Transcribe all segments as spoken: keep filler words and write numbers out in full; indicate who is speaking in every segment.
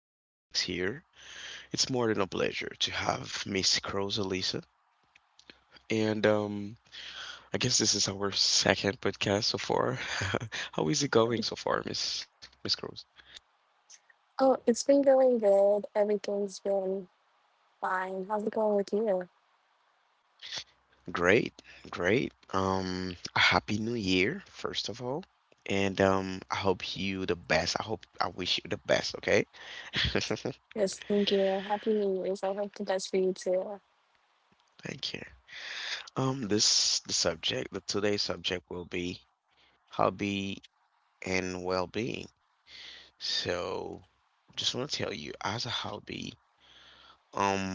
Speaker 1: This is Max here. It's more than a pleasure to have Miss Rosalisa. And um, I guess this is our second podcast so far. How is it going so far, Miss Miss Rose?
Speaker 2: Oh, it's been going good. Everything's been fine. How's it going with you?
Speaker 1: Great, great. Um, a happy new year, first of all. And um, I hope you the best. I hope I wish you the best, okay? Thank
Speaker 2: Yes, thank you. Happy New Year's. I hope the best for you too.
Speaker 1: you. Um, this the subject, the today's subject will be hobby and well-being. So, just want to tell you, as a hobby, um,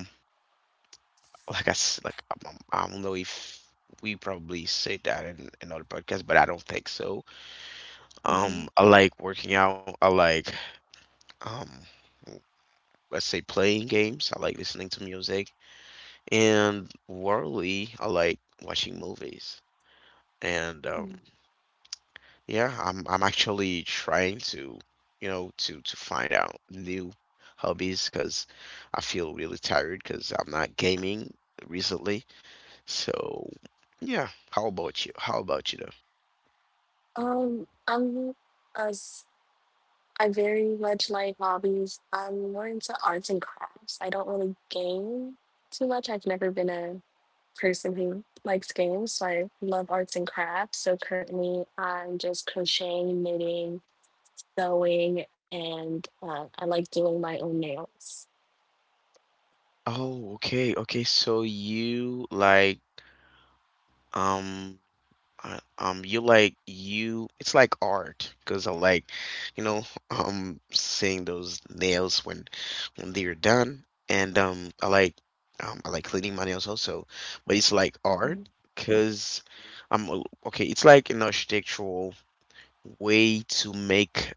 Speaker 1: like I s- like I, um, I don't know if we probably say that in another podcast, but I don't think so.
Speaker 2: Hmm.
Speaker 1: Um, I like working out. I like um, let's say playing games. I like listening to music, and worldly, I like watching movies. And um, Yeah, I'm I'm actually trying to, you know, to to find out new hobbies because I feel really tired because I'm not gaming recently. So, yeah, how about you? How about you though?
Speaker 2: Um, I'm as I very much like hobbies. I'm more into arts and crafts. I don't really game too much. I've never been a person who likes games, so I love arts and crafts. So currently, I'm just crocheting, knitting, sewing, and uh, I like doing my own nails.
Speaker 1: Oh, okay, okay. So you like um I, um, you like you. It's like art because I like, you know, um, seeing those nails when when they're done, and um, I like um, I like cleaning my nails also, but it's like art because I'm a- okay. It's like an architectural way to make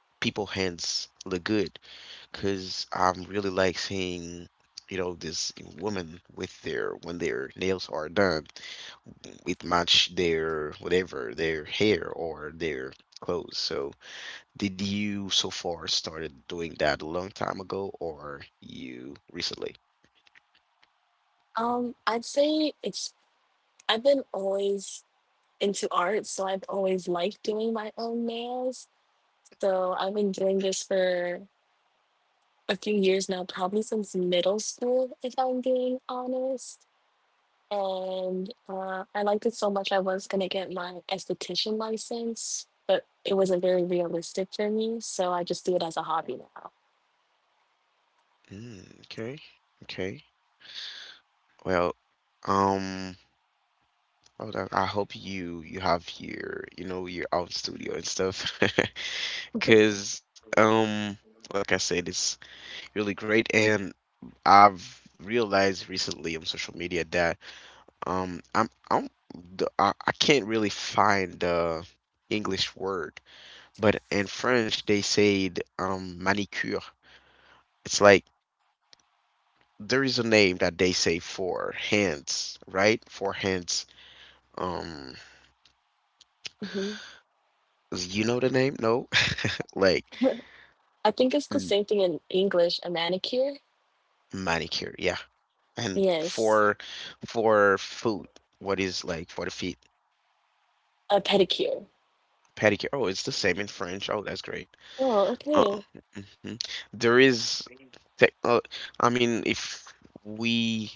Speaker 1: people hands look good because I'm really like seeing. You know, this woman with their when their nails are done, it match their whatever their hair or their clothes. So did you so far started doing that a long time ago, or you recently?
Speaker 2: Um, I'd say it's I've been always into art, so I've always liked doing my own nails. So I've been doing this for a few years now, probably since middle school, if I'm being honest. And uh, I liked it so much I was gonna get my esthetician license, but it wasn't very realistic for me, so I just do it as a hobby now.
Speaker 1: Mm, okay, okay. Well, um oh, that- I hope you you have your, you know, your own studio and stuff. Because um like I said, it's really great. And I've realized recently on social media that, Um, I'm I don't the, I, I can't really find the English word, but in French they said um manicure. It's like there is a name that they say for hands, right? For hands. Um,
Speaker 2: Hmm.
Speaker 1: you know the name? No, like
Speaker 2: I think it's the
Speaker 1: m-
Speaker 2: same thing in English, a manicure.
Speaker 1: manicure, yeah. And
Speaker 2: Yes,
Speaker 1: for for foot, what is like for the feet?
Speaker 2: a pedicure.
Speaker 1: Pedicure. Oh, it's the same in French. Oh, that's great.
Speaker 2: Oh,
Speaker 1: Uh,
Speaker 2: okay.
Speaker 1: mhm. There is techno, I mean, if we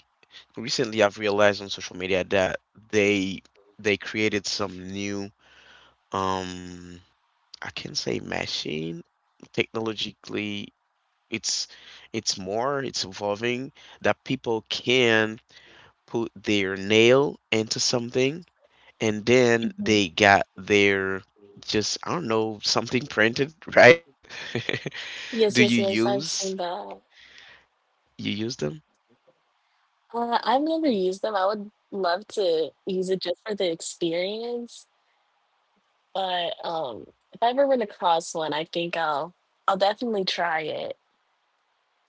Speaker 1: recently I've realized on social media that they they created some new um I can say machine, technologically, it's it's more, it's evolving, that people can put their nail into something and then they got their, just I don't know, something printed, right?
Speaker 2: Yes,
Speaker 1: Do
Speaker 2: yes,
Speaker 1: you
Speaker 2: yes. I've
Speaker 1: use
Speaker 2: seen that.
Speaker 1: You use them?
Speaker 2: Uh, I've never used them. I would love to use it just for the experience. But um, if I ever run across one, I think I'll I'll definitely try it.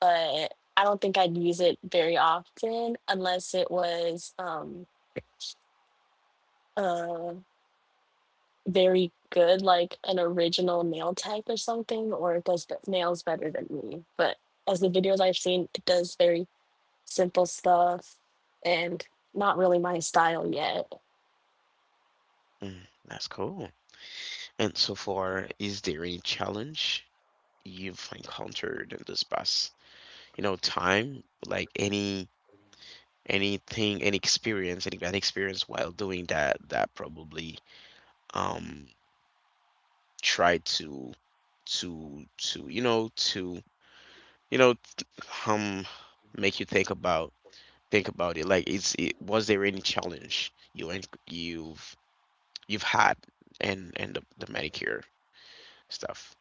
Speaker 2: But I don't think I'd use it very often unless it was um, uh, very good, like an original nail tech or something, or it does the nails better than me. But as the videos I've seen, it does very simple stuff and not really my style yet.
Speaker 1: Mm, that's cool. And so far, is there any challenge you've encountered in this past, you know, time? Like any anything, any experience, any bad experience while doing that that probably um try to to to you know to, you know, t- um make you think about, think about it like it's it, was there any challenge you en- you've you've had and and the, the manicure stuff?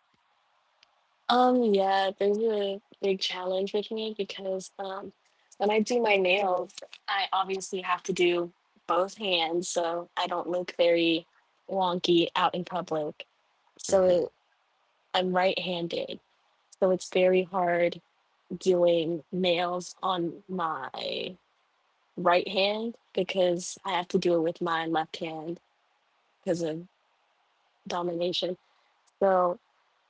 Speaker 2: Um, yeah, there's a big challenge with me because um, when I do my nails, I obviously have to do both hands, so I don't look very wonky out in public. So
Speaker 1: Hmm,
Speaker 2: it, I'm right handed. So it's very hard doing nails on my right hand because I have to do it with my left hand because of domination. So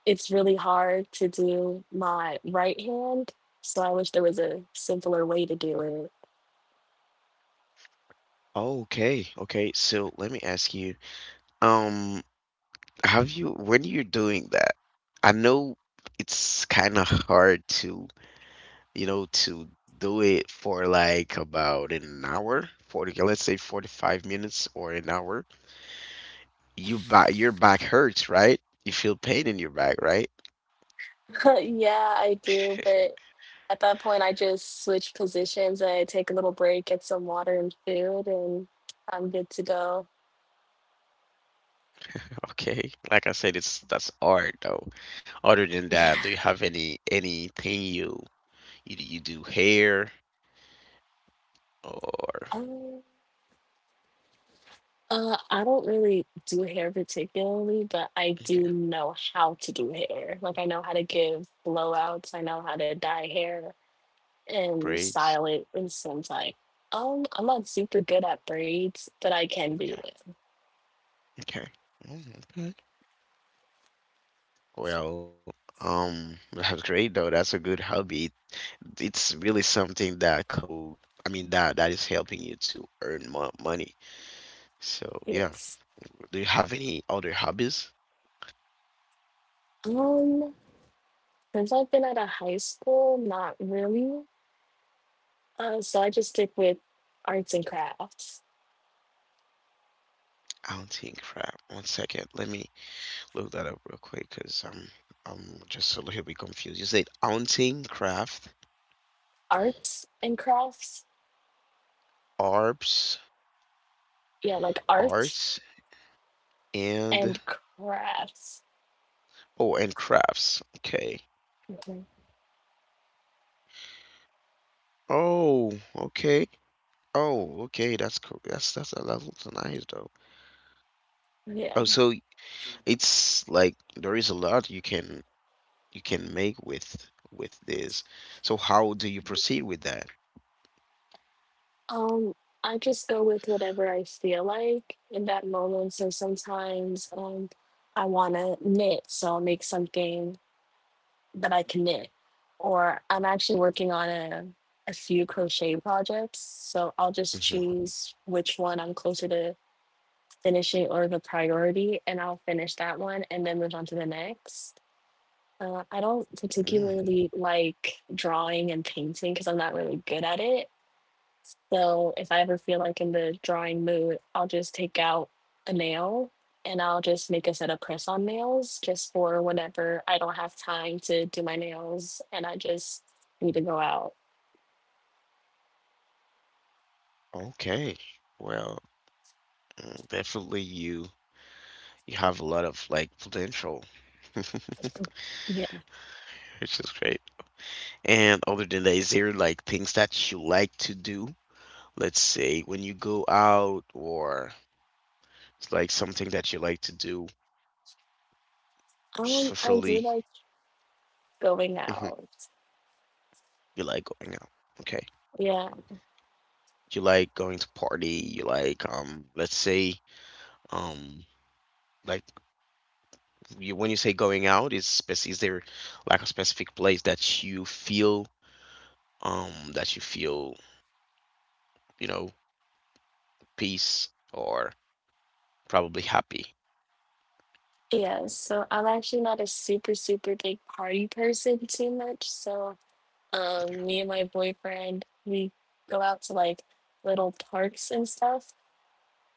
Speaker 2: it's really hard to do my right hand. So I wish there was a simpler way to do it.
Speaker 1: okay, okay. So let me ask you, um have you, when you're doing that, I know it's kind of hard to, you know, to do it for like about an hour, forty, let's say forty-five minutes or an hour, you back, your back hurts, right? You feel pain in your back, right?
Speaker 2: Yeah, I do. But at that point, I just switch positions. I take a little break, get some water and food, and I'm good to go.
Speaker 1: Okay. Like I said, it's that's art though. Other than
Speaker 2: Yeah.
Speaker 1: that, do you have any anything you, you, you do hair or
Speaker 2: Um, Uh, I don't really do hair particularly, but I do
Speaker 1: okay,
Speaker 2: know how to do hair. Like I know how to give blowouts, I know how to dye hair and style
Speaker 1: braids?
Speaker 2: it. And since, like, um I'm not super good at braids, but I can do
Speaker 1: Okay.
Speaker 2: them.
Speaker 1: Okay. Mm, okay. Well, um, that's great though. That's a good hobby. It's really something that could, I mean, that that is helping you to earn more money. So yeah,
Speaker 2: Yes.
Speaker 1: do you have any other hobbies?
Speaker 2: Um since I've been out of high school, not really. Uh so I just stick with arts and crafts.
Speaker 1: I don't think crap. One second, let me look that up real quick because I'm I'm just a little bit confused. You said haunting, craft,
Speaker 2: Arts and crafts?
Speaker 1: arps,
Speaker 2: Yeah, like art
Speaker 1: arts, and
Speaker 2: and crafts.
Speaker 1: oh, and crafts. Okay.
Speaker 2: Mhm.
Speaker 1: Oh, okay. Oh, okay. That's cool. That's that's that looks nice though.
Speaker 2: Yeah.
Speaker 1: Oh, so it's like there is a lot you can you can make with with this. So how do you proceed with that?
Speaker 2: Um, I just go with whatever I feel like in that moment. So sometimes um, I want to knit, so I'll make something that I can knit. Or I'm actually working on a, a few crochet projects, so I'll just
Speaker 1: Hmm.
Speaker 2: choose which one I'm closer to finishing or the priority, and I'll finish that one and then move on to the next. Uh, I don't
Speaker 1: Mm,
Speaker 2: particularly like drawing and painting because I'm not really good at it, so if I ever feel like in the drawing mood, I'll just take out a nail and I'll just make a set of press on nails just for whenever I don't have time to do my nails and I just need to go out.
Speaker 1: okay. Well, mm, definitely you you have a lot of like potential, which
Speaker 2: Yeah.
Speaker 1: is great. And other than that, is there like things that you like to do? Let's say when you go out, or it's like something that you like to do
Speaker 2: Um, I do
Speaker 1: socially.
Speaker 2: like going
Speaker 1: Hmm.
Speaker 2: out.
Speaker 1: You like going out. Okay.
Speaker 2: Yeah.
Speaker 1: You like going to party. You like um, let's say um, like you, when you say going out, is spec is there like a specific place that you feel um that you feel, you know, peace or probably happy?
Speaker 2: Yeah. So I'm actually not a super, super big party person too much. So um me and my boyfriend, we go out to like little parks and stuff,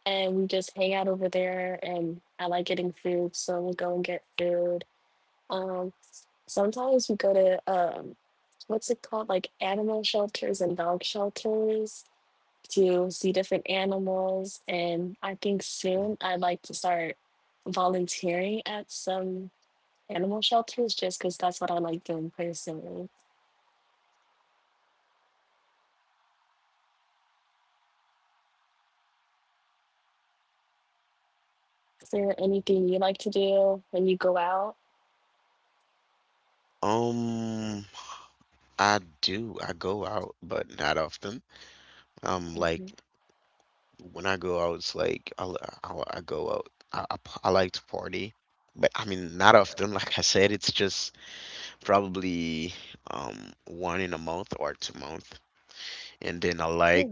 Speaker 2: and we just hang out over there, and I like getting food, so we'll go and get food. um Sometimes we go to um what's it called, like animal shelters and dog shelters, to see different animals. And I think
Speaker 1: Yeah.
Speaker 2: soon I'd like to start volunteering at some animal shelters, just because that's what I like doing personally. Is there anything you like to do when you go out?
Speaker 1: Um, I do. I go out, but not often. Um, like when I go out, it's like I'll, I'll, I go out. I, I, p- I like to party, but I mean, not often. Like I said, it's just probably um one in a month or two month. And then I like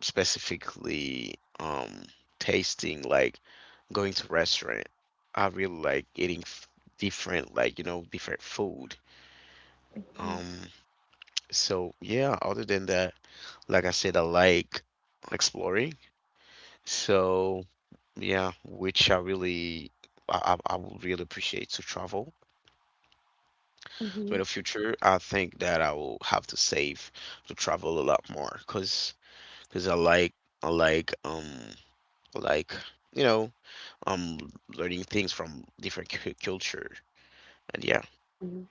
Speaker 1: specifically um tasting, like going to restaurant. I really like eating f different, like you know, different food.
Speaker 2: Mhm,
Speaker 1: Um, so yeah, other than that, like I said, I like exploring. So. Yeah, which I really I, I I would really appreciate to travel. So in the
Speaker 2: mhm,
Speaker 1: future, I think that I will have to save to travel a lot more because because I like I like um I like, you know, um learning things from different cu culture. And yeah,
Speaker 2: mhm.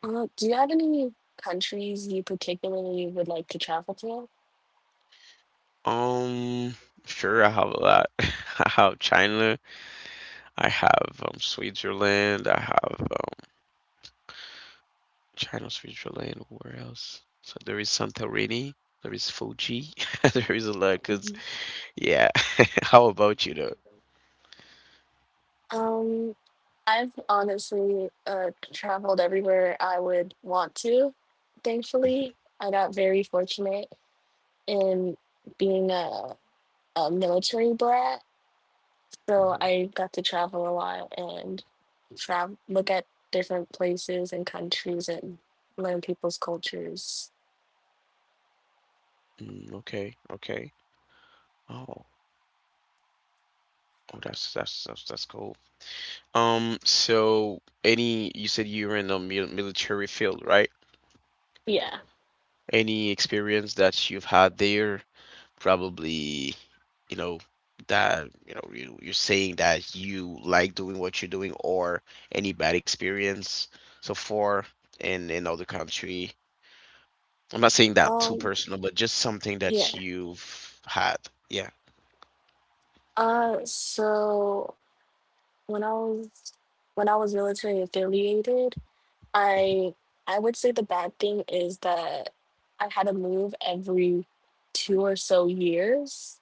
Speaker 2: Uh, do you have any countries you particularly would like to travel to?
Speaker 1: um sure, I have a lot. I have China, I have um Switzerland, I have China's future land. Where else? So there is Santorini. There is Fuji. There is a lot. Cause
Speaker 2: Mhm.
Speaker 1: yeah. How about you though?
Speaker 2: Um, I've honestly uh, traveled everywhere I would want to.
Speaker 1: Mhm,
Speaker 2: Thankfully, I got very fortunate in being a, a military brat. So
Speaker 1: mhm.
Speaker 2: I got to travel a lot and travel, look at different places and countries and learn people's cultures.
Speaker 1: Mm, okay. Okay. Oh. Oh, that's that's that's that's cool. Um. So any you said you were in the mil military field, right?
Speaker 2: Yeah.
Speaker 1: Any experience that you've had there? Probably, you know, that, you know, you, you're saying that you like doing what you're doing, or any bad experience so far in in other country. I'm not saying that too
Speaker 2: Um.
Speaker 1: personal, but just something
Speaker 2: Yeah.
Speaker 1: that you've had, yeah,
Speaker 2: Uh. So when I was when I was military affiliated, I I would say the bad thing is that I had to move every two or so years,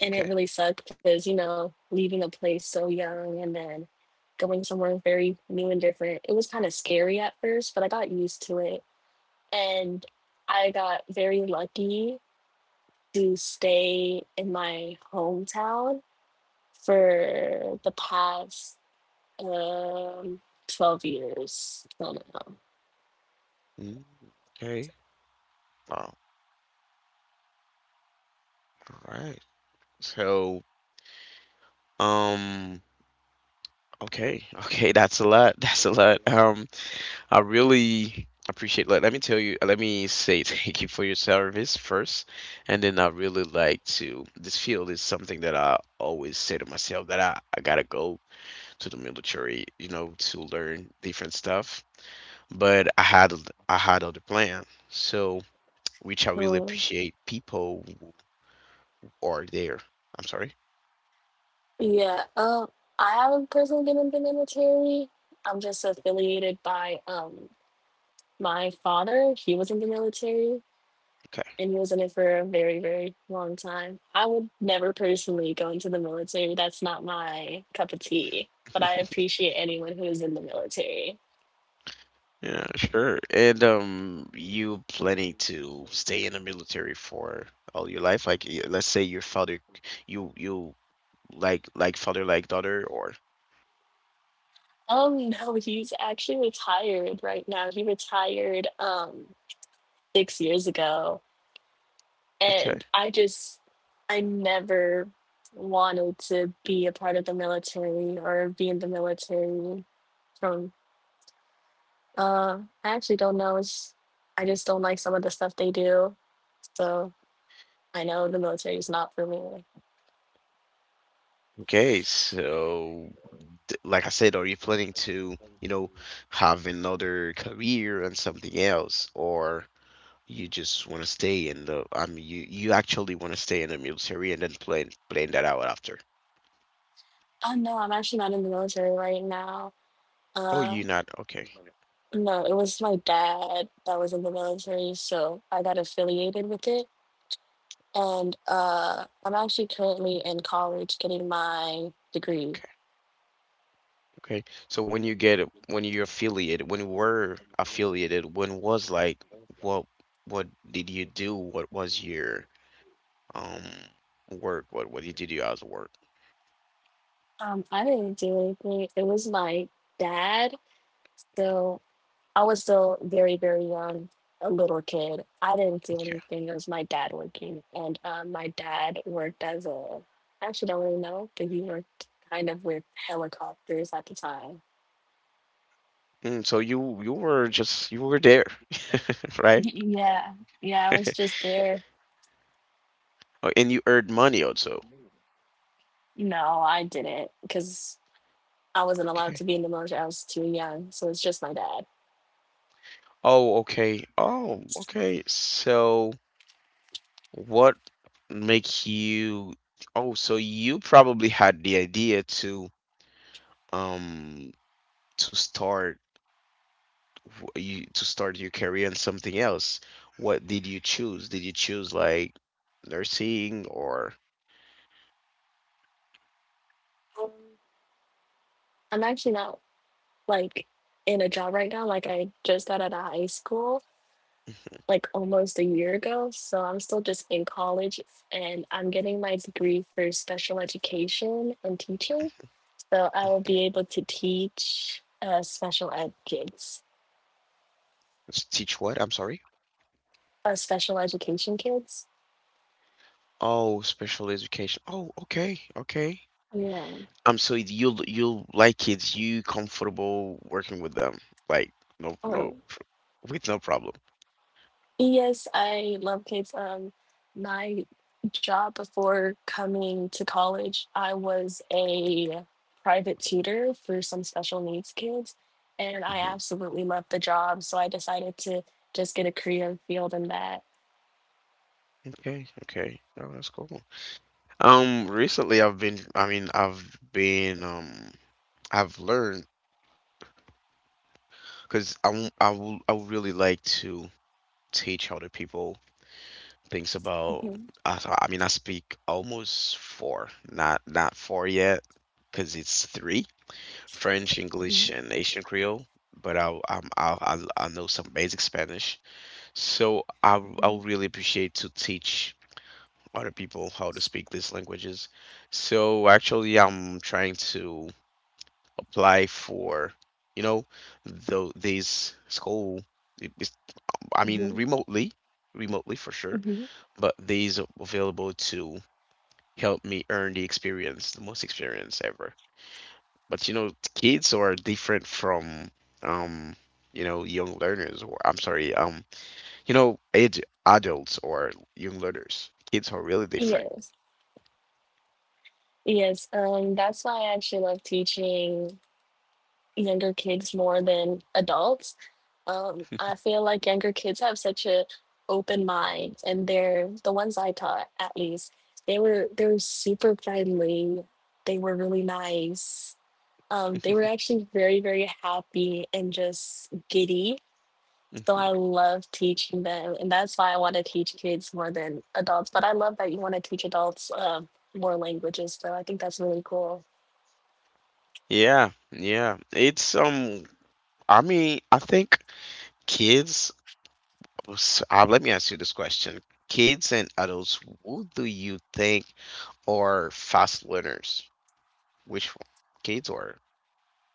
Speaker 2: and it
Speaker 1: okay.
Speaker 2: really sucked because you know leaving a place so young, and then going somewhere very new and different, it was kind of scary at first, but I got used to it, and I got very lucky to stay in my hometown for the past um, twelve years till now.
Speaker 1: Mm, okay. Wow. All right. So um okay. Okay, that's a lot. That's a lot. um I really appreciate, let, let me tell you, uh, let me say thank you for your service first. And then I really like to, this field is something that I always say to myself that I, I gotta go to the military, you know, to learn different stuff. But I had I had other plan. So which I really
Speaker 2: Um,
Speaker 1: appreciate people who are there. I'm sorry.
Speaker 2: Yeah, um, I haven't personally been in the military. I'm just affiliated by um my father. He was in the military
Speaker 1: Okay.
Speaker 2: and he was in it for a very, very long time. I would never personally go into the military. That's not my cup of tea. But I appreciate anyone who is in the military.
Speaker 1: Yeah, sure. And um, you planning to stay in the military for all your life? Like, y- let's say your father, you you like like father like daughter, or
Speaker 2: Um, no, he's actually retired right now. He retired um six years ago.
Speaker 1: okay,
Speaker 2: And I just, I never wanted to be a part of the military or be in the military. From, uh, I actually don't know. It's, I just don't like some of the stuff they do. So I know the military is not for me.
Speaker 1: okay. So, d- like I said, are you planning to, you know, have another career and something else, or you just want to stay in the? I mean, you you actually want to stay in the military and then plan plan that out after?
Speaker 2: Oh no, I'm actually not in the military right now.
Speaker 1: Oh,
Speaker 2: Uh,
Speaker 1: you not okay.
Speaker 2: no, it was my dad that was in the military, so I got affiliated with it. And uh, I'm actually currently in college getting my degree.
Speaker 1: Okay. So when you get it, when you affiliated, when you were affiliated, when was like what what did you do? What was your um work? What what did you do as work?
Speaker 2: Um, I didn't do anything. It was my dad. So I was still very, very young, a little kid. I didn't do
Speaker 1: Okay.
Speaker 2: anything. It was my dad working. And um, my dad worked as a, I actually don't really know, but he worked kind of with helicopters at the time.
Speaker 1: Mm, so you you were just you were there, right?
Speaker 2: Y- Yeah. Yeah. I was just there.
Speaker 1: Oh, and you earned money also.
Speaker 2: No, I didn't because I wasn't allowed to
Speaker 1: Okay.
Speaker 2: be in the military. I was too young. So it's just my dad.
Speaker 1: Oh, okay. Oh, okay. So what make you, oh, so you probably had the idea to um to start w- you to start your career in something else. What did you choose? Did you choose like nursing or
Speaker 2: Um, I'm actually not like in a job right now. Like I just got out of high school
Speaker 1: s-
Speaker 2: like almost a year ago. So I'm still just in college and I'm getting my degree for special education and teaching. So I will be able to teach uh, special ed kids,
Speaker 1: teach what? I'm sorry.
Speaker 2: uh, special education kids.
Speaker 1: Oh, special education. Oh, okay, okay.
Speaker 2: Yeah.
Speaker 1: Um, so you you like kids, you comfortable working with them, like no
Speaker 2: Oh,
Speaker 1: no pr- with no problem.
Speaker 2: yes, I love kids. Um, my job before coming to college, I was a private tutor for some special needs kids, and I
Speaker 1: Hmm.
Speaker 2: absolutely loved the job. So I decided to just get a career field in that.
Speaker 1: Okay, okay. Oh, that's cool. Um, recently I've been, I mean, I've been, um, I've learned because I w- I will I would really like to teach other people things about.
Speaker 2: Mhm,
Speaker 1: I, I mean, I speak almost four, not not four yet, because it's three: French, English,
Speaker 2: mhm,
Speaker 1: and Asian Creole. But I I'm, I I I know some basic Spanish, so I w- I
Speaker 2: mhm,
Speaker 1: would really appreciate to teach other people how to speak these languages. So actually, I'm trying to apply for, you know, though these school, I mean,
Speaker 2: mhm,
Speaker 1: remotely, remotely for sure,
Speaker 2: mhm.
Speaker 1: but these are available to help me earn the experience, the most experience ever. But you know, kids are different from, um, you know, young learners, or I'm sorry, um, you know, age adults or young learners. Kids are really different.
Speaker 2: Yes, yes. Um, that's why I actually love teaching younger kids more than adults. Um, I feel like younger kids have such a open mind, and they're the ones I taught at least. They were they were super friendly. They were really nice. Um, they were actually very very happy and just giddy. So I love teaching them, and that's why I want to teach kids more than adults. But I love that you want to teach adults um more languages. So I think that's really cool.
Speaker 1: Yeah, yeah. It's um I mean, I think kids, well, s- uh, let me ask you this question. Kids and adults, who do you think are fast learners? Which one? Kids or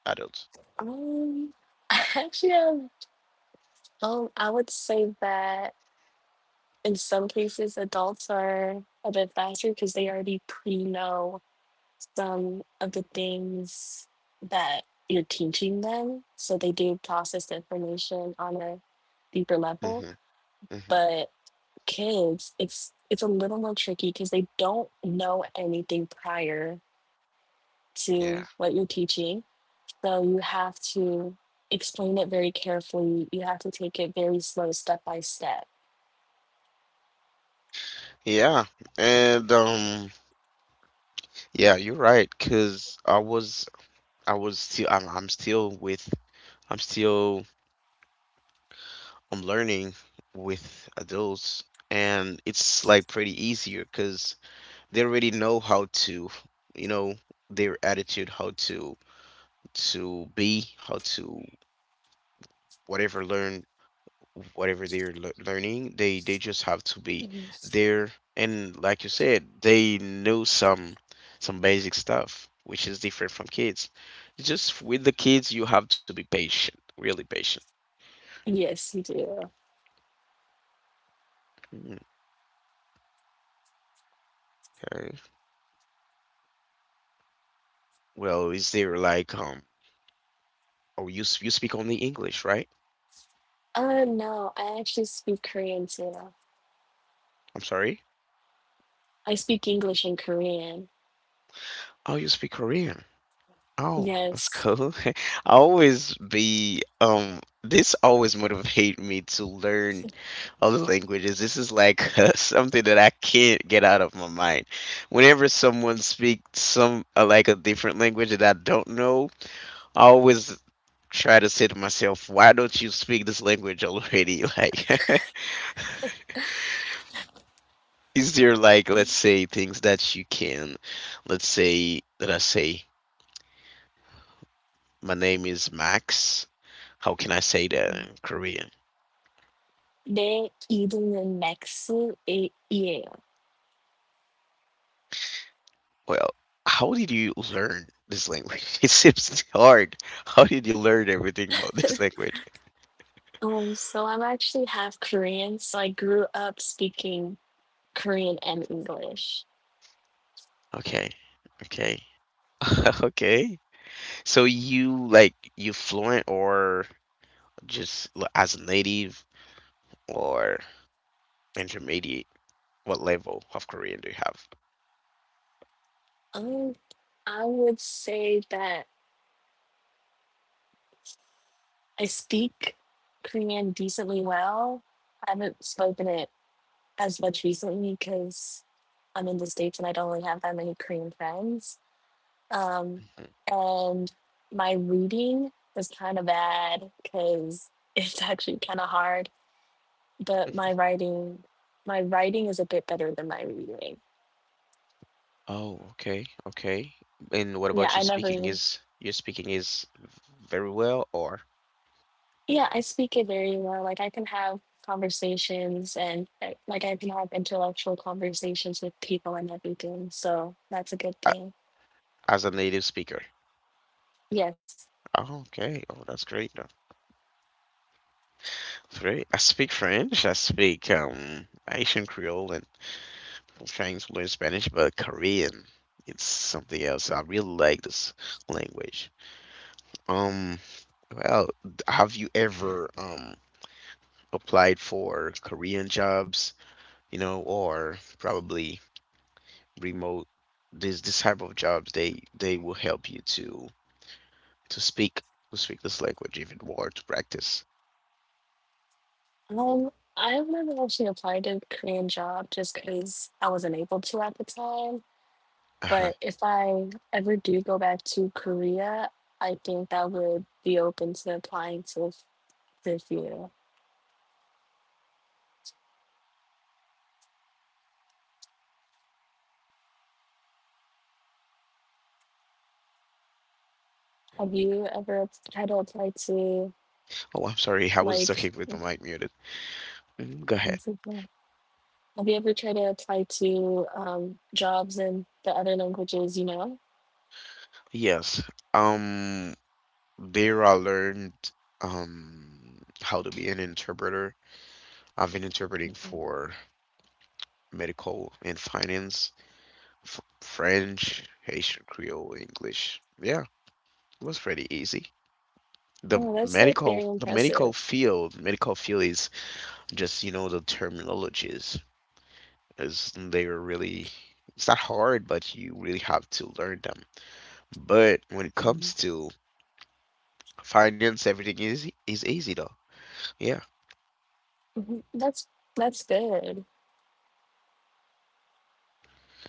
Speaker 1: adults?
Speaker 2: Um, I actually have Um, I would say that in some cases, adults are a bit faster because they already pre know some of the things that you're teaching them. So they do process the information on a deeper
Speaker 1: Hmm.
Speaker 2: level.
Speaker 1: Hmm.
Speaker 2: But kids, it's it's a little more tricky because they don't know anything prior
Speaker 1: Yeah.
Speaker 2: to what you're teaching. So you have to explain it very carefully. You have to take it very slow, step by step.
Speaker 1: Yeah. And um yeah, you're right, 'cause I was I was still I'm, I'm still with I'm still I'm learning with adults, and it's like pretty easier 'cause they already know how to, you know, their attitude, how to to be, how to whatever learn whatever they're lear- learning. They they just have to be
Speaker 2: Mhm.
Speaker 1: there, and like you said, they know some some basic stuff, which is different from kids. Just with the kids, you have to be patient, really patient.
Speaker 2: Yes, you do.
Speaker 1: Mm. Okay. Well, is there like um? Oh, you s- you speak only English, right?
Speaker 2: Uh, no, I actually speak Korean too.
Speaker 1: I'm sorry.
Speaker 2: I speak English and Korean.
Speaker 1: Oh, you speak Korean. Oh, that's
Speaker 2: Yes.
Speaker 1: cool. I always be um this always motivate me to learn other languages. This is like uh, something that I can't get out of my mind. Whenever someone speaks some uh, like a different language that I don't know, I always try to say to myself, why don't you speak this language already? Like is there like, let's say, things that you can, let's say that I say my name is Max. How can I say that in Korean?
Speaker 2: They in Mexico. Yeah.
Speaker 1: Well, how did you learn this language? It seems hard. How did you learn everything about this language?
Speaker 2: Um, so I'm actually half Korean, so I grew up speaking Korean and English.
Speaker 1: Okay, okay, okay. So you like, you fluent or just l- as a native or intermediate? What level of Korean do you have?
Speaker 2: Um, I would say that I speak Korean decently well. I haven't spoken it as much recently because I'm in the States and I don't really have that many Korean friends. Um,
Speaker 1: Mhm.
Speaker 2: and my reading was kind of bad because it's actually kind of hard, but my writing, my writing is a bit better than my reading.
Speaker 1: Oh, okay, okay. And what
Speaker 2: Yeah,
Speaker 1: about you
Speaker 2: I
Speaker 1: speaking?
Speaker 2: never,
Speaker 1: Is your speaking is very well or
Speaker 2: yeah, I speak it very well. Like I can have conversations and uh, like I can have intellectual conversations with people and everything. So that's a good
Speaker 1: a-
Speaker 2: thing.
Speaker 1: as a native speaker?
Speaker 2: Yes.
Speaker 1: Oh, okay. Oh, that's great. uh, That's great. I speak French. I speak um Asian Creole, and I'm trying to learn Spanish, but Korean, it's something else. I really like this language. Um, well, d- have you ever um applied for Korean jobs, you know, or probably remote, this this type of jobs, they they will help you to to speak to speak this language if it were to practice.
Speaker 2: Um, I've never actually applied to a Korean job just because I wasn't able to at the time.
Speaker 1: Uh-huh.
Speaker 2: But if I ever do go back to Korea, I think that would be open to applying to the FU. Have you ever tried to apply to,
Speaker 1: Oh, I'm sorry. I was
Speaker 2: like,
Speaker 1: talking with my mic muted. Mhm. Go ahead.
Speaker 2: what's it called, have you ever tried to apply to um, jobs in the other languages, you know?
Speaker 1: Yes. Um, there I learned um how to be an interpreter. I've been interpreting for medical and finance, f French, Haitian Creole, English. Yeah, it was pretty easy. The
Speaker 2: Oh, that's like
Speaker 1: medical,
Speaker 2: very
Speaker 1: the medical
Speaker 2: impressive.
Speaker 1: field, medical field is just, you know, the terminologies is they're really, it's not hard, but you really have to learn them. But when it
Speaker 2: Mhm.
Speaker 1: comes to finance, everything is is easy though. Yeah.
Speaker 2: Mhm. That's that's good.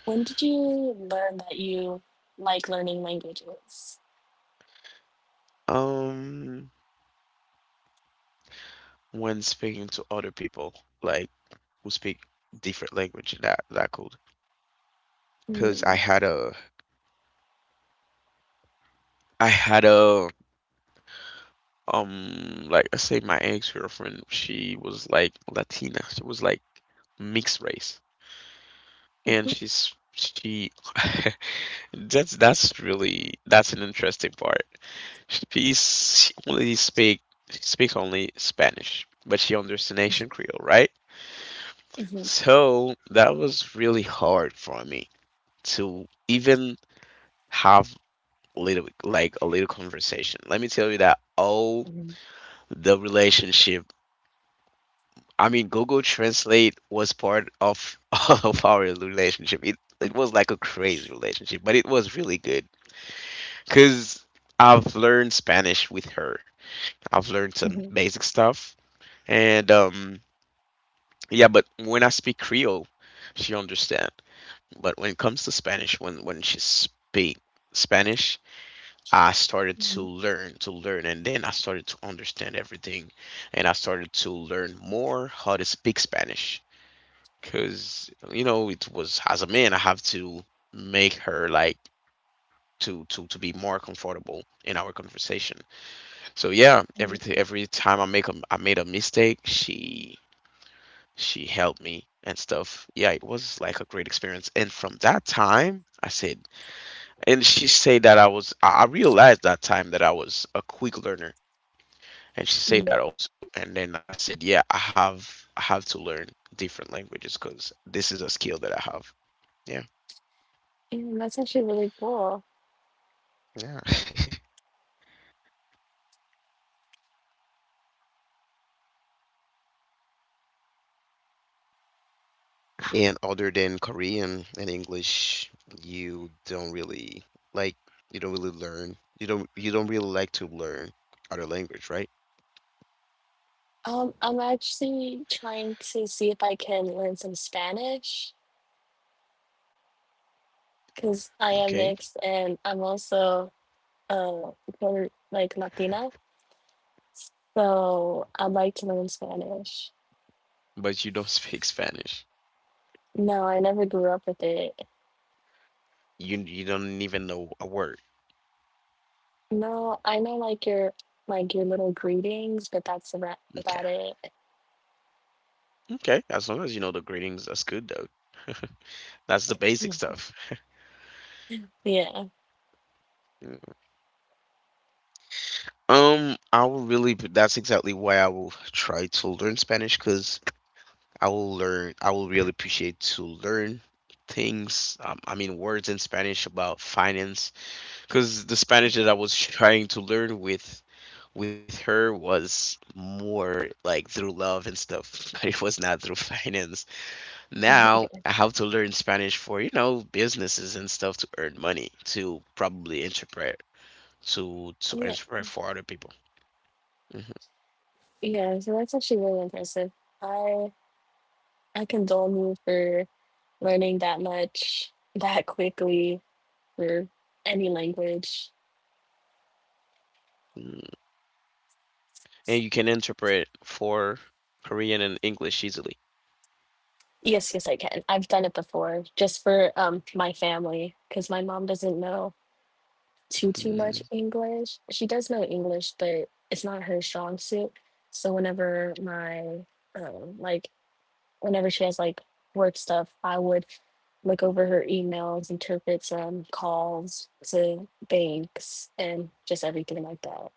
Speaker 2: When did you learn that you like learning languages?
Speaker 1: Um, when speaking to other people, like, who speak different language, that that could, because I
Speaker 2: Mm-hmm.
Speaker 1: had a, I had a, um, like I say, my ex-girlfriend, she was like Latina, she was like mixed race, and she's she, that's that's really that's an interesting part. She's she only speak she speaks only Spanish, but she understands Asian Creole, right?
Speaker 2: Mm-hmm.
Speaker 1: So that was really hard for me to even have little, like a little conversation. Let me tell you that all the relationship, I mean, Google Translate was part of of our relationship. It it was like a crazy relationship, but it was really good because I've learned Spanish with her. I've learned some basic stuff, and um yeah, but when I speak Creole, she understand. But when it comes to Spanish, when when she speak Spanish, I started to learn to learn, and then I started to understand everything, and I started to learn more how to speak Spanish, because, you know, it was, as a man, I have to make her like to, to to be more comfortable in our conversation. So yeah, every t- every time I make a I made a mistake, she she helped me and stuff. Yeah, it was like a great experience, and from that time I said, and she said that I was I I realized that time that I was a quick learner, and she said that
Speaker 2: Mm-hmm.
Speaker 1: also, and then I said, yeah, I have I have to learn different languages, because this is a skill that I have. Yeah.
Speaker 2: Mm, that's actually really cool.
Speaker 1: Yeah. And other than Korean and English, you don't really, like, you don't really learn. You don't you don't really like to learn other language, right?
Speaker 2: Um, I'm actually trying to see if I can learn some Spanish because I
Speaker 1: Okay.
Speaker 2: am mixed and I'm also uh Puerto- like Latina, so I'd like to learn Spanish.
Speaker 1: But you don't speak Spanish?
Speaker 2: No, I never grew up with it.
Speaker 1: you you don't even know a word?
Speaker 2: No, I know like your like your little greetings, but that's about
Speaker 1: Okay.
Speaker 2: about it.
Speaker 1: Okay, as long as you know the gradings, that's good though. That's the basic stuff.
Speaker 2: Yeah,
Speaker 1: Mm. Um, I will really. p- That's exactly why I will try to learn Spanish, because I will learn. I will really appreciate to learn things. Um, I mean, words in Spanish about finance, because the Spanish that I was trying to learn with with her was more like through love and stuff. It was not through finance. Now I have to learn Spanish for, you know businesses and stuff, to earn money to probably interpret, to to
Speaker 2: yeah,
Speaker 1: interpret for other people.
Speaker 2: yeah. So that's actually really impressive. I I condole you for learning that much that quickly for any language.
Speaker 1: hmm and you can interpret for Korean and English easily?
Speaker 2: Yes, yes, I can. I've done it before, just for um my family, because my mom doesn't know too too
Speaker 1: Mm,
Speaker 2: much English. She does know English, but it's not her strong suit. So whenever my um like whenever she has like work stuff, I would look over her emails, interpret some calls to banks, and just everything like that.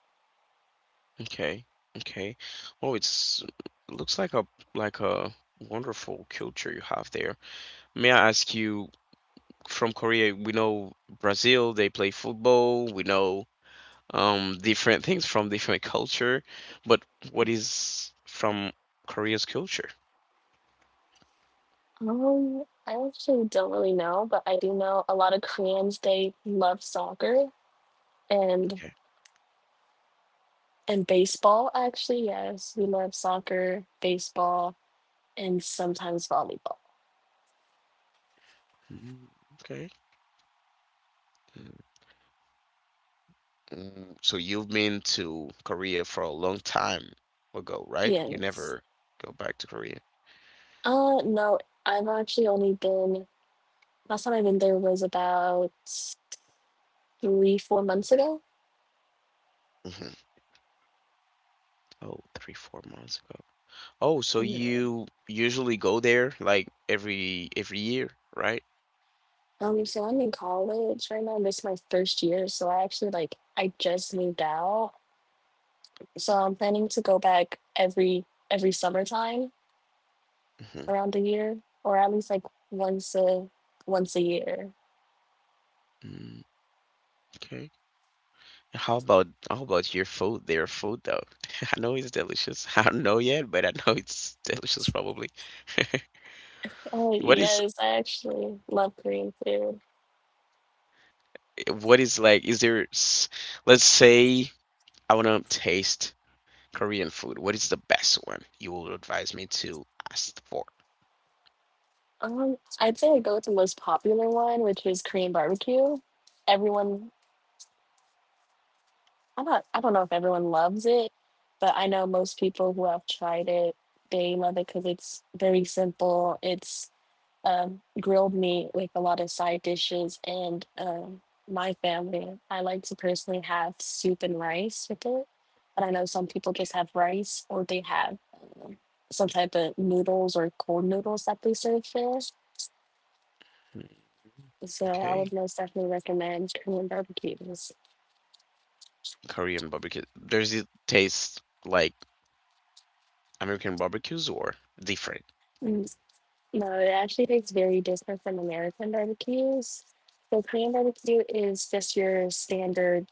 Speaker 1: okay. Okay, well, it's looks like a, like a wonderful culture you have there. May I ask you, from Korea we know Brazil they play football, we know um different things from different culture, but what is from Korea's culture?
Speaker 2: Um, I actually don't really know, but I do know a lot of Koreans, they love soccer and
Speaker 1: Okay.
Speaker 2: and baseball actually. Yes, we love soccer, baseball, and sometimes volleyball.
Speaker 1: Mm, okay. Mm, so you've been to Korea for a long time ago, right? You never
Speaker 2: Yes.
Speaker 1: go back to Korea?
Speaker 2: Uh no, I've actually only been last time I've been there was about three, four months ago.
Speaker 1: Hmm. Oh, three four months ago. Oh, so
Speaker 2: Yeah.
Speaker 1: you usually go there like every every year, right?
Speaker 2: Um, so I'm in college right now. This is my first year, so I actually like I just moved out. So I'm planning to go back every every summertime
Speaker 1: Hmm.
Speaker 2: around a year, or at least like once a once a year.
Speaker 1: Mm, okay. How about how about your food, their food though? I know it's delicious. I don't know yet, but I know it's delicious probably.
Speaker 2: Oh
Speaker 1: What is
Speaker 2: yes, I actually love Korean food.
Speaker 1: what is like, is there s- let's say I want to taste Korean food. What is the best one you will advise me to ask for?
Speaker 2: Um, I'd say I go with the most popular one, which is Korean barbecue. Everyone, I don't, I don't know if everyone loves it, but I know most people who have tried it, they love it because it's very simple. It's um, grilled meat with a lot of side dishes. And um, my family, I like to personally have soup and rice with it. But I know some people just have rice or they have um, some type of noodles or cold noodles that they serve for us.
Speaker 1: Hmm.
Speaker 2: So I
Speaker 1: Okay.
Speaker 2: would most definitely recommend Korean barbecues.
Speaker 1: Korean barbecue. Does it taste like American barbecues or different?
Speaker 2: No, it actually tastes very different from American barbecues. So Korean barbecue is just your standard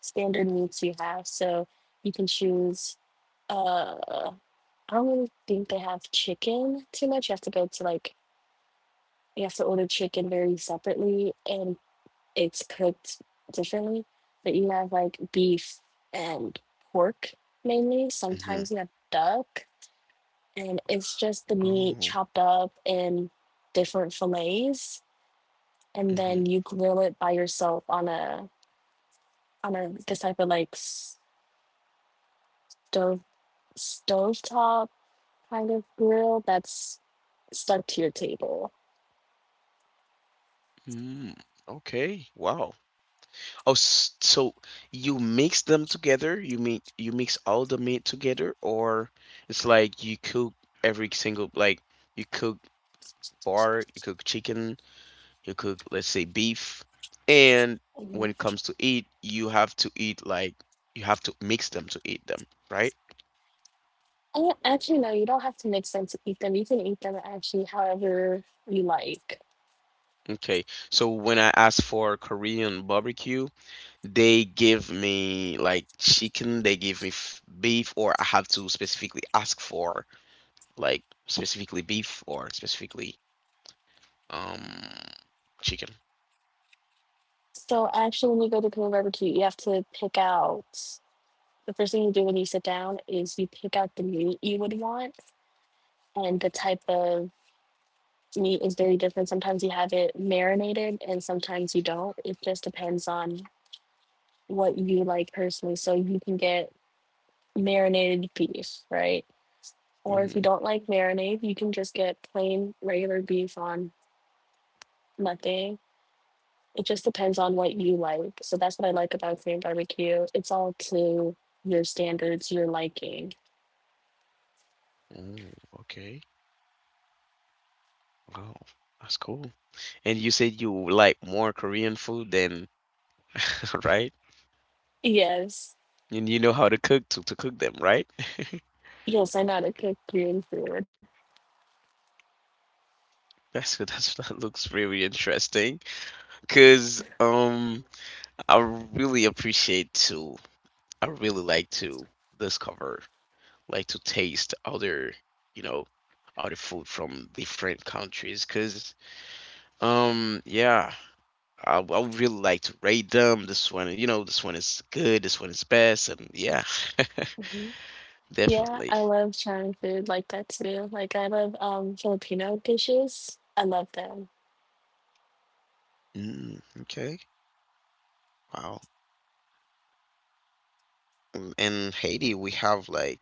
Speaker 2: standard meats you have. So you can choose uh I don't really think they have chicken too much. You have to go to like you have to order chicken very separately and it's cooked differently. But you have like beef and pork mainly.
Speaker 1: Mm-hmm.
Speaker 2: Sometimes you have duck and it's just the meat
Speaker 1: Oh.
Speaker 2: chopped up in different fillets and
Speaker 1: Mm-hmm.
Speaker 2: then you grill it by yourself on a on a this type of like stove stovetop kind of grill that's stuck to your table.
Speaker 1: Mm. Okay. Wow. Oh, s- so you mix them together? You mean you mix all the meat together, or it's like you cook every single, like, you cook pork, you cook chicken, you cook, let's say, beef, and when
Speaker 2: Mhm.
Speaker 1: it comes to eat, you have to eat like, you have to mix them to eat them, right?
Speaker 2: And actually no, you don't have to mix them to eat them, you can eat them actually however you like.
Speaker 1: Okay. So when I ask for Korean barbecue, they give me like chicken, they give me f beef, or I have to specifically ask for, like, specifically beef or specifically um chicken.
Speaker 2: So actually when you go to Korean barbecue you have to pick out the first thing you do when you sit down is you pick out the meat you would want and the type of meat is very different. Sometimes you have it marinated and sometimes you don't. It just depends on what you like personally. So you can get marinated beef, right? Or if you
Speaker 1: Mm-hmm.
Speaker 2: don't like marinade, you can just get plain regular beef on nothing. It just depends on what you like. So that's what I like about Korean barbecue. It's all to your standards, your liking.
Speaker 1: Oh, okay. Wow, that's cool. And you said you like more Korean food than right?
Speaker 2: Yes.
Speaker 1: And you know how to cook, to, to cook them, right?
Speaker 2: Yes, I know how to cook Korean food.
Speaker 1: That's good. That's that looks really interesting. 'Cause um, I really appreciate to. I really like to discover, like to taste other, you know, other food from different countries. 'Cause um, yeah, I, I would really like to rate them. This one, you know, this one is good. This one is best, and yeah,
Speaker 2: Yeah,
Speaker 1: definitely.
Speaker 2: I love China food like that too. Like I love um Filipino dishes. I love them.
Speaker 1: Mm, okay. Wow. Um, in Haiti, we have like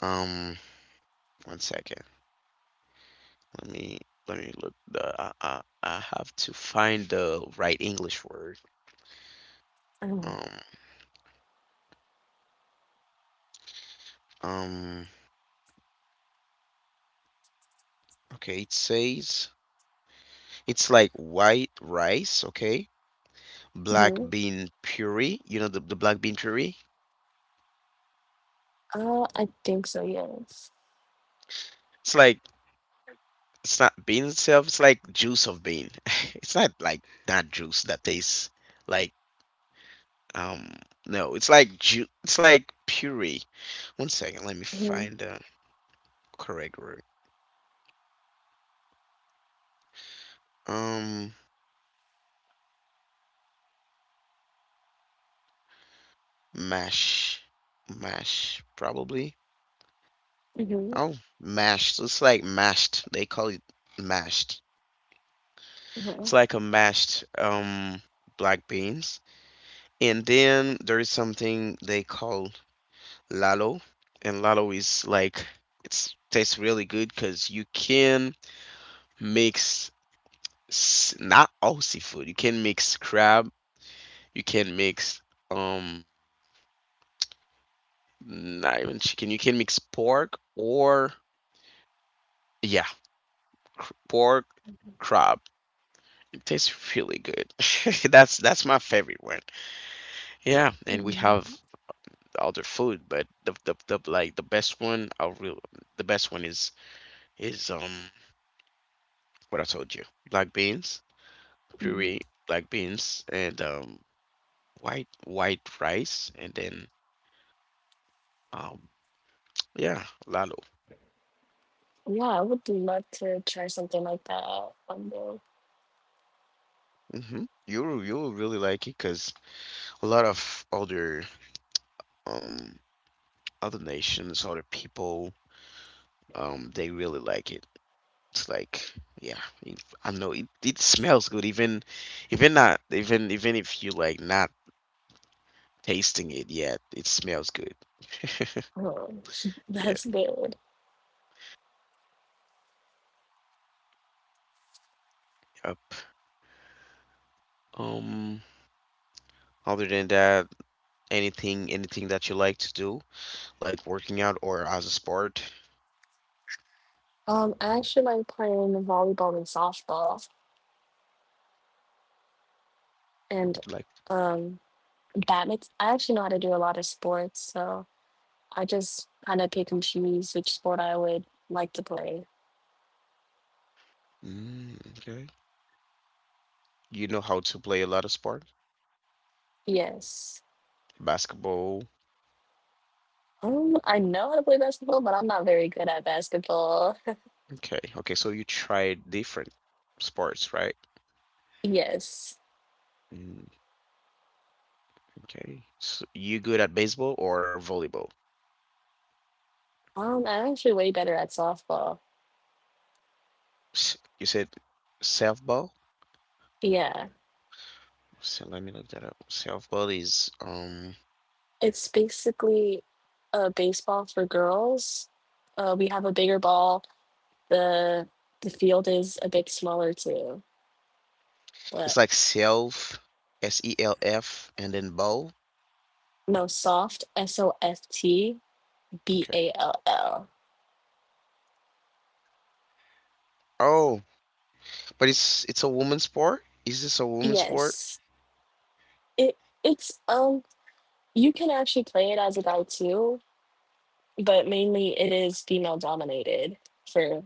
Speaker 1: um one second. Let me let me look the, I, I I have to find the right English word.
Speaker 2: Oh,
Speaker 1: Um um okay, it says it's like white rice, okay? Black
Speaker 2: mm-hmm.
Speaker 1: bean puree, you know, the, the black bean puree?
Speaker 2: Uh, I think so, yes.
Speaker 1: It's like it's not bean itself. It's like juice of bean. It's not like that juice that tastes like um no. It's like ju- It's like puree. One second, let me
Speaker 2: Mm-hmm.
Speaker 1: find the correct word. Um, mash, mash probably.
Speaker 2: Mm-hmm.
Speaker 1: Oh, mashed. So it's like mashed. They call it mashed.
Speaker 2: Mm-hmm.
Speaker 1: It's like a mashed um black beans. And then there is something they call lalo, and lalo is like, it's tastes really good, because you can mix, s- not all seafood. You can mix crab. You can mix, um not even chicken. You can mix pork or, yeah, cr- pork, crab. It tastes really good. That's that's my favorite one. Yeah, and we
Speaker 2: Mm-hmm.
Speaker 1: have other food, but the the, the like the best one, I real the best one is is um what I told you, black beans
Speaker 2: Mm-hmm.
Speaker 1: puree, black beans, and um, white white rice, and then um, yeah, lalo.
Speaker 2: Yeah, I would love to try something like that out one day.
Speaker 1: Hmm. You'll you'll really like it, because a lot of other um other nations, other people, um, they really like it. It's like, yeah, it, I know it, it, smells good. Even, even not even even if you, like, not tasting it yet, it smells good.
Speaker 2: Um,
Speaker 1: Yeah.
Speaker 2: that's good.
Speaker 1: Yep. Um, other than that, anything anything that you like to do? Like working out or as a sport?
Speaker 2: Um, I actually like playing volleyball and softball and
Speaker 1: Like,
Speaker 2: um badminton. I actually know how to do a lot of sports, so I just kind of pick and choose which sport I would like to play.
Speaker 1: mm, okay. You know how to play a lot of sport?
Speaker 2: Yes.
Speaker 1: Basketball.
Speaker 2: Um, I know how to play basketball, but I'm not very good at basketball.
Speaker 1: Okay. Okay, so you tried different sports, right?
Speaker 2: Yes.
Speaker 1: Mm, okay. So you good at baseball or volleyball?
Speaker 2: Um, I'm actually way better at softball.
Speaker 1: S- You said self ball?
Speaker 2: Yeah.
Speaker 1: So let me look that up. Self ball is um
Speaker 2: It's basically a baseball for girls. Uh, we have a bigger ball. The the field is a bit smaller too.
Speaker 1: it's
Speaker 2: But
Speaker 1: like self, S E L F, and then ball.
Speaker 2: no, soft, S O F T B
Speaker 1: Okay.
Speaker 2: A L L.
Speaker 1: Oh, but it's it's a woman's sport? Is this a woman's sport?
Speaker 2: Yes. It it's um you can actually play it as a guy too, but mainly it is female dominated for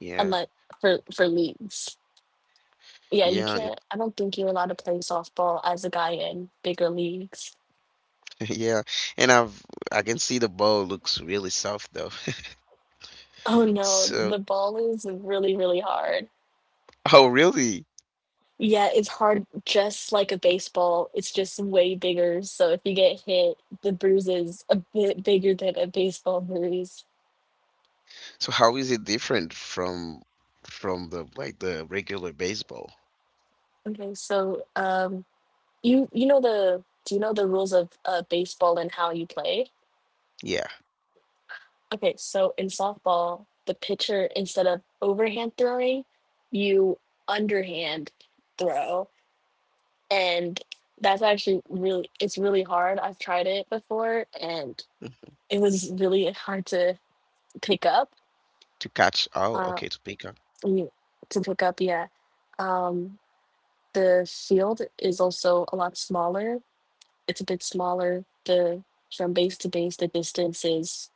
Speaker 1: Yeah.
Speaker 2: unless for for leagues. Yeah, you
Speaker 1: Yeah,
Speaker 2: can't. I don't think you're allowed to play softball as a guy in bigger leagues.
Speaker 1: yeah, and I've I can see the bowl looks really soft though.
Speaker 2: Oh no,
Speaker 1: So,
Speaker 2: the ball is really really hard.
Speaker 1: oh really?
Speaker 2: Yeah, it's hard just like a baseball. It's just way bigger. So if you get hit, the bruise is a bit bigger than a baseball bruise.
Speaker 1: So how is it different from, from the, like, the regular baseball?
Speaker 2: Okay, so um, you you know the do you know the rules of uh, baseball and how you play?
Speaker 1: Yeah.
Speaker 2: Okay, so in softball, the pitcher, instead of overhand throwing, you underhand throw. And that's actually really, it's really hard. I've tried it before and
Speaker 1: Mm.
Speaker 2: it was really hard to pick up.
Speaker 1: To catch. Oh,
Speaker 2: Uh,
Speaker 1: okay, to pick up.
Speaker 2: you- to pick up, yeah. Um, the field is also a lot smaller. It's a bit smaller. The From base to base, the distance is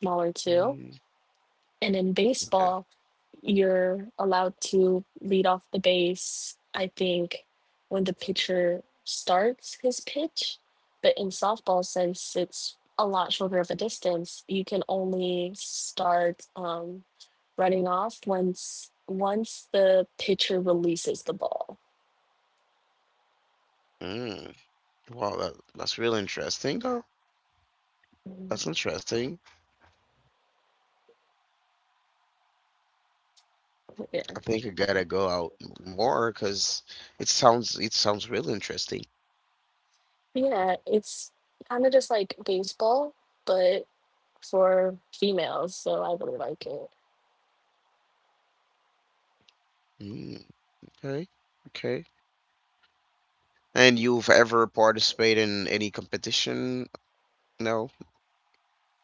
Speaker 2: smaller too.
Speaker 1: Mm,
Speaker 2: And in
Speaker 1: okay.
Speaker 2: baseball, you're allowed to lead off the base, I think, when the pitcher starts his pitch. But in softball, since it's a lot shorter of a distance, you can only start um, running off once once the pitcher releases the ball.
Speaker 1: Mm. Wow, that, that's really interesting though.
Speaker 2: Mm.
Speaker 1: That's interesting.
Speaker 2: Yeah,
Speaker 1: I think I gotta go out more because it sounds it sounds really interesting.
Speaker 2: yeah, it's kind of just like baseball, but for females. So I really like it.
Speaker 1: Mm, okay, okay. And you've ever participated in any competition? No?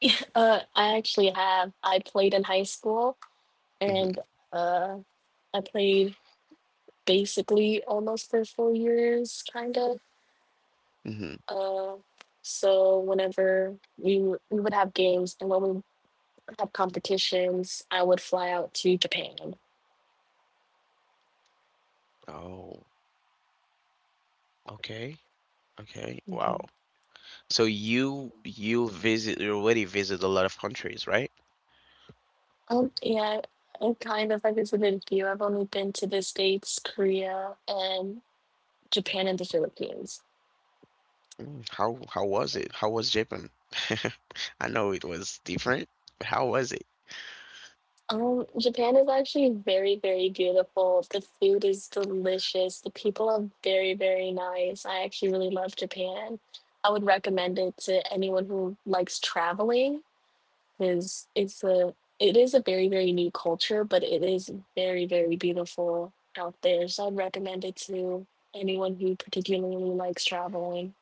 Speaker 2: Uh, I actually have. I played in high school,
Speaker 1: Hmm.
Speaker 2: and uh, I played basically almost for four years, kind of.
Speaker 1: Hmm.
Speaker 2: Uh, so whenever we w- we would have games, and when we have competitions, I would fly out to Japan.
Speaker 1: Oh, okay. Okay. Wow.
Speaker 2: Hmm.
Speaker 1: So you you visit you already visit a lot of countries, right?
Speaker 2: Um, yeah, I kind of I visited a few. I've only been to the States, Korea, and Japan and the Philippines.
Speaker 1: Mm, How how was it? How was Japan? I know it was different, but how was it?
Speaker 2: Um, Japan is actually very, very beautiful. The food is delicious. The people are very, very nice. I actually really love Japan. I would recommend it to anyone who likes traveling because it's a it is a very, very new culture, but it is very, very beautiful out there. So I'd recommend it to anyone who particularly likes traveling.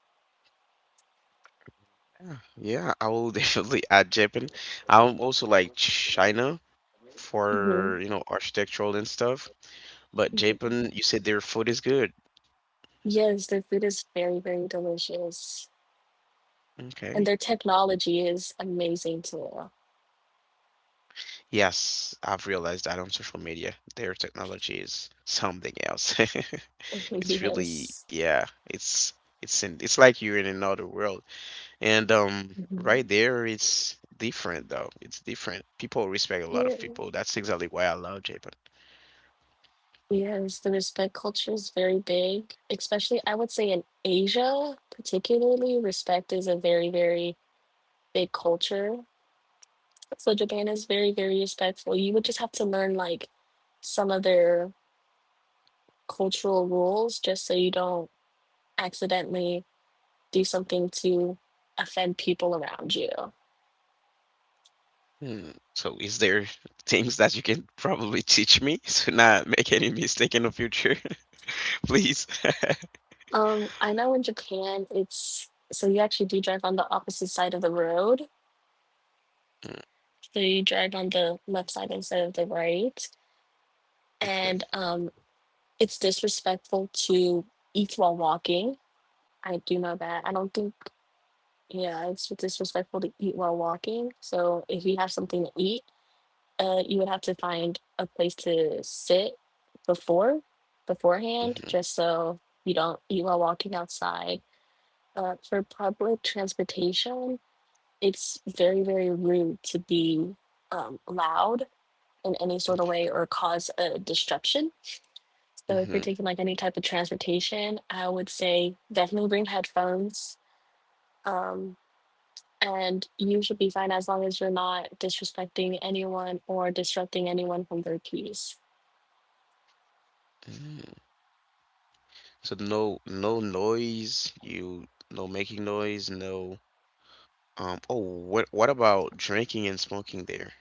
Speaker 1: Yeah, yeah, I will definitely add Japan. I will also like China
Speaker 2: Hmm.
Speaker 1: for, you know, architectural and stuff. But Japan, you said their food is good.
Speaker 2: Yes, their food is very, very delicious. And their
Speaker 1: Okay.
Speaker 2: technology is amazing too.
Speaker 1: Yes, I've realized that on social media, their technology is something else. It's really,
Speaker 2: Yes.
Speaker 1: yeah, it's it's in, it's like you're in another world. And um,
Speaker 2: Mhm.
Speaker 1: right there, it's different though. It's different. People respect a lot
Speaker 2: Yeah,
Speaker 1: of people. That's exactly why I love Japan.
Speaker 2: yes, the respect culture is very big, especially I would say in Asia, particularly, respect is a very, very big culture. So Japan is very, very respectful. You would just have to learn like some of their cultural rules just so you don't accidentally do something to offend people around you.
Speaker 1: Hmm. So, is there things that you can probably teach me to not make any mistake in the future, please?
Speaker 2: Um, I know in Japan, it's so you actually do drive on the opposite side of the road.
Speaker 1: Mm,
Speaker 2: So you drive on the left side instead of the right.
Speaker 1: okay.
Speaker 2: And um, it's disrespectful to eat while walking. I do know that. I don't think, Yeah, it's disrespectful to eat while walking. So if you have something to eat, uh, you would have to find a place to sit before, beforehand,
Speaker 1: Mm-hmm.
Speaker 2: just so you don't eat while walking outside. Uh, for public transportation, it's very, very rude to be um, loud in any sort of way or cause a disruption. So if you're
Speaker 1: Mm-hmm.
Speaker 2: taking like any type of transportation, I would say definitely bring headphones. Um, and you should be fine as long as you're not disrespecting anyone or disrupting anyone from their peace.
Speaker 1: Mm-hmm. So no no noise, you no making noise, no um oh what what about drinking and smoking there?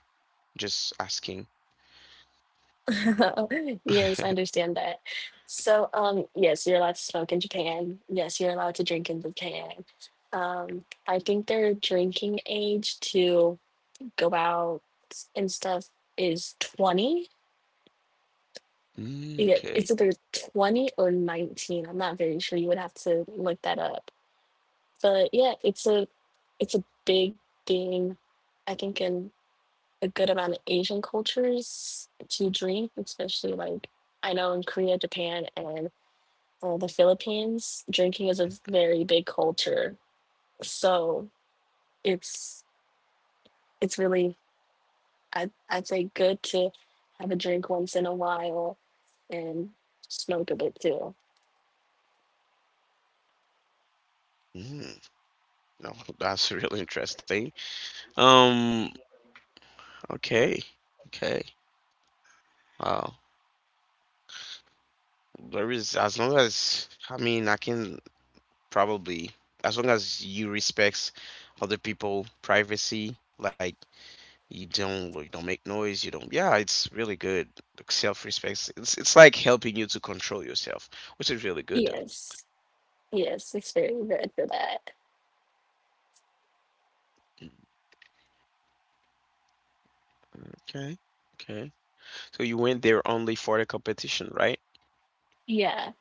Speaker 1: Just asking.
Speaker 2: Yes, I understand that. So, um, yes, you're allowed to smoke in Japan. Yes, you're allowed to drink in Japan. Um, I think their drinking age to go out and stuff is twenty.
Speaker 1: Mm,
Speaker 2: Yeah,
Speaker 1: okay.
Speaker 2: it's either twenty or nineteen. I'm not very sure. You would have to look that up. But yeah, it's a it's a big thing, I think, in a good amount of Asian cultures to drink, especially like I know in Korea, Japan, and uh, the Philippines, drinking is a very big culture. So it's it's really I I'd say good to have a drink once in a while and smoke a bit too.
Speaker 1: Mm, no, that's really interesting. Um, okay. Okay. Wow. There is as long as I mean I can probably as long as you respects other people privacy like you don't you don't make noise you don't yeah it's really good, like self-respect, it's it's like helping you to control yourself, which is really good though.
Speaker 2: Yes. Yes, it's very good for that.
Speaker 1: Mm, okay, okay, so you went there only for the competition, right?
Speaker 2: Yeah,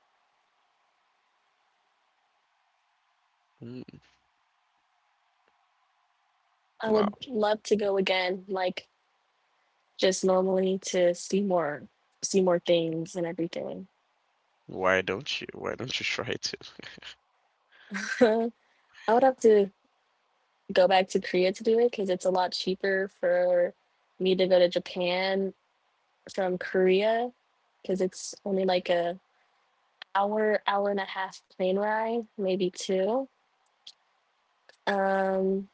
Speaker 1: Mm,
Speaker 2: I
Speaker 1: wow,
Speaker 2: would love to go again, like just normally to see more, see more things and everything.
Speaker 1: why don't you why don't you try to
Speaker 2: I would have to go back to Korea to do it because it's a lot cheaper for me to go to Japan from Korea because it's only like a hour, hour and a half plane ride, maybe two. Um,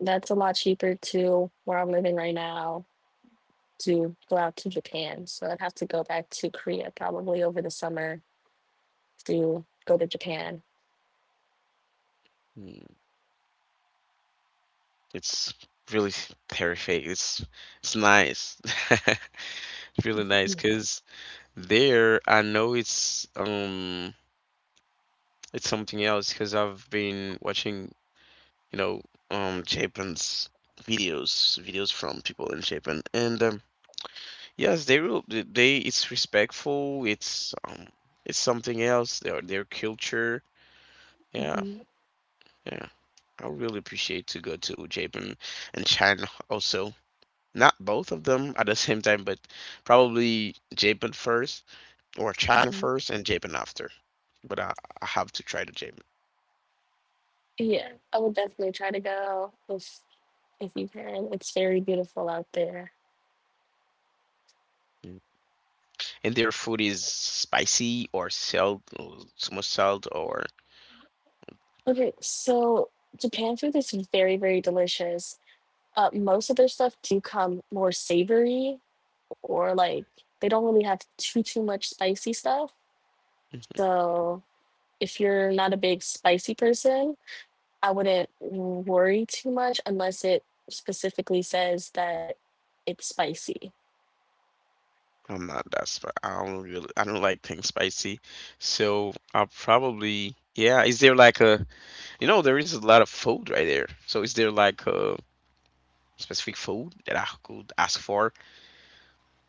Speaker 2: that's a lot cheaper to where I'm living right now to go out to Japan. So I'd have to go back to Korea probably over the summer to go to Japan.
Speaker 1: mm, it's really terrifying, it's it's nice it's really nice
Speaker 2: Yeah.
Speaker 1: because there, I know it's um it's something else, because I've been watching, you know, um Japan's videos, videos from people in Japan, and um yes, they will they they- it's respectful, it's um it's something else, their their culture. Yeah,
Speaker 2: Mhm,
Speaker 1: yeah. I really appreciate to go to Japan and China also. Not both of them at the same time, but probably Japan first or China
Speaker 2: mhm.
Speaker 1: first and Japan after. But I, I have to try to Japan.
Speaker 2: Yeah, I would definitely try to go if if you can. It's very beautiful out there.
Speaker 1: Mm. And their food is spicy or salt, or too much salt, or
Speaker 2: Okay, so Japan food is very, very delicious. Uh, most of their stuff do come more savory or like they don't really have too too much spicy stuff.
Speaker 1: mhm.
Speaker 2: So if you're not a big spicy person, I wouldn't worry too much unless it specifically says that it's spicy.
Speaker 1: I'm not that sp I don't really, I don't like things spicy. So I'll probably, yeah. Is there like a, you know, there is a lot of food right there. So is there like a specific food that I could ask for?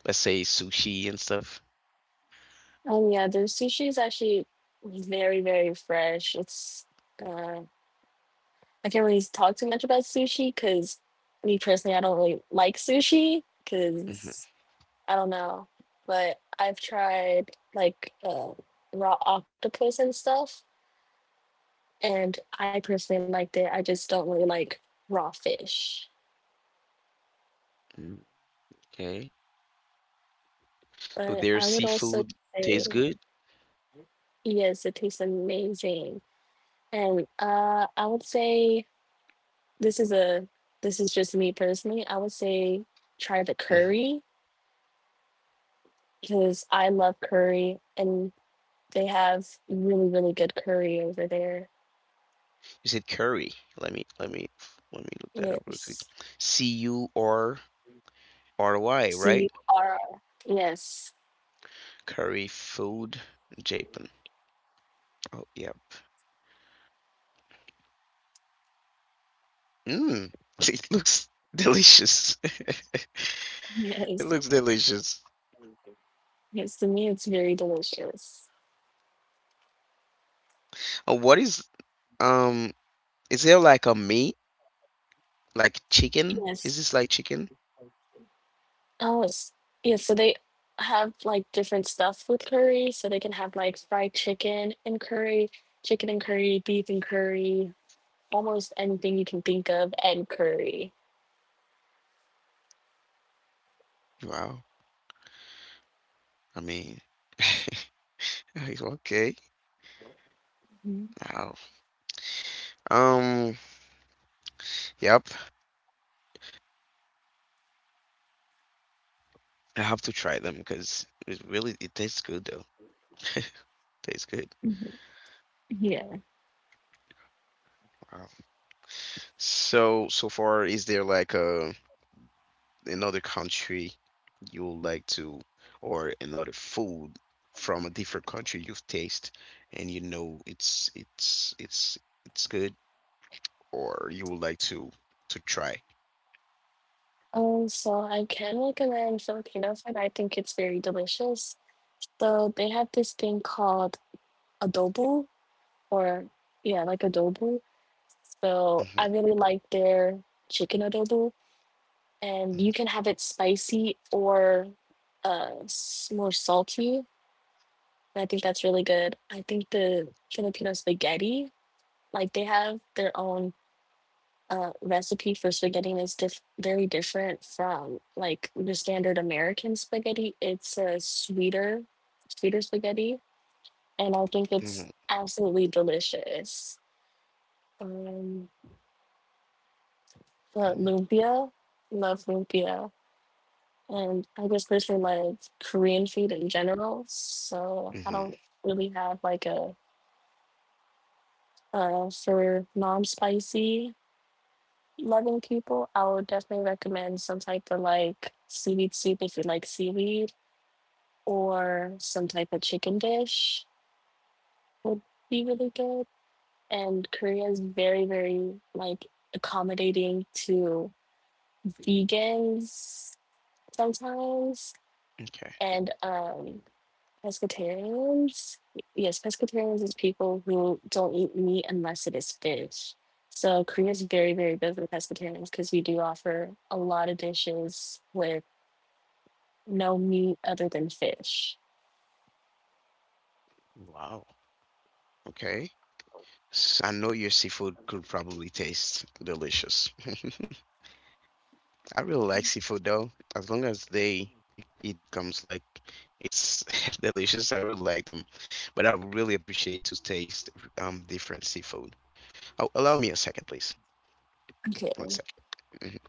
Speaker 1: Let's say sushi and stuff.
Speaker 2: Um, yeah, the sushi is actually very, very fresh. It's uh, I can't really talk too much about sushi because me personally, I don't really like sushi because I don't know. But I've tried like uh, raw octopus and stuff, and I personally liked it. I just don't really like raw fish.
Speaker 1: Hmm. Okay. So
Speaker 2: But
Speaker 1: their
Speaker 2: I would also
Speaker 1: seafood tastes
Speaker 2: say.
Speaker 1: good.
Speaker 2: Yes, it tastes amazing. And uh, I would say this is a this is just me personally. I would say try the
Speaker 1: Mhm.
Speaker 2: curry because I love curry and they have really, really good curry over there.
Speaker 1: You said curry. Let me let me let me look that up real quick.
Speaker 2: Yes.
Speaker 1: C U R R Y,
Speaker 2: C U
Speaker 1: right?
Speaker 2: R R. Yes.
Speaker 1: Curry food Japan. Oh, yep. Mmm, it looks delicious. It
Speaker 2: Yes.
Speaker 1: looks delicious.
Speaker 2: Yes, to me it's very delicious.
Speaker 1: Uh, what is um? Is there like a meat, like chicken? Is
Speaker 2: Yes.
Speaker 1: this like chicken?
Speaker 2: Oh, it's yeah, so they have like different stuff with curry. So they can have like fried chicken and curry, chicken and curry, beef and curry, almost anything you can think of and curry.
Speaker 1: Wow. I mean, okay.
Speaker 2: Mhm,
Speaker 1: Wow. Um. Yep. I have to try them because it really it tastes good though. Tastes good.
Speaker 2: mhm. Yeah.
Speaker 1: Wow. So so far, is there like a another country you would like to, or another food from a different country you've tasted and you know it's it's it's it's good, or you would like to to try.
Speaker 2: Um, so I can recommend Filipino food. I think it's very delicious. So they have this thing called adobo, or yeah, like adobo. So
Speaker 1: Hmm.
Speaker 2: I really like their chicken adobo. And you can have it spicy or uh more salty. And I think that's really good. I think the Filipino spaghetti, like they have their own uh recipe for spaghetti, and it's diff- very different from like the standard American spaghetti. It's a sweeter, sweeter spaghetti, and I think
Speaker 1: Hmm.
Speaker 2: it's absolutely delicious. Um, but
Speaker 1: Hmm.
Speaker 2: lumpia, love lumpia. And I just personally like Korean food in general, so I
Speaker 1: Hmm.
Speaker 2: don't really have like a uh, for non-spicy loving people. I would definitely recommend some type of like seaweed soup if you like seaweed, or some type of chicken dish would be really good. And Korea is very, very like accommodating to vegans sometimes,
Speaker 1: Okay.
Speaker 2: and um, pescatarians? Yes, pescatarians is people who don't eat meat unless it is fish. So Korea is very, very good for pescatarians because we do offer a lot of dishes with no meat other than fish.
Speaker 1: Wow. Okay. S I I know your seafood could probably taste delicious. I really like seafood though, as long as they it, it comes like it's delicious. I really like them, but I would really appreciate to taste um different seafood. Oh, allow me a second, please.
Speaker 2: Okay.
Speaker 1: One second. Mhm.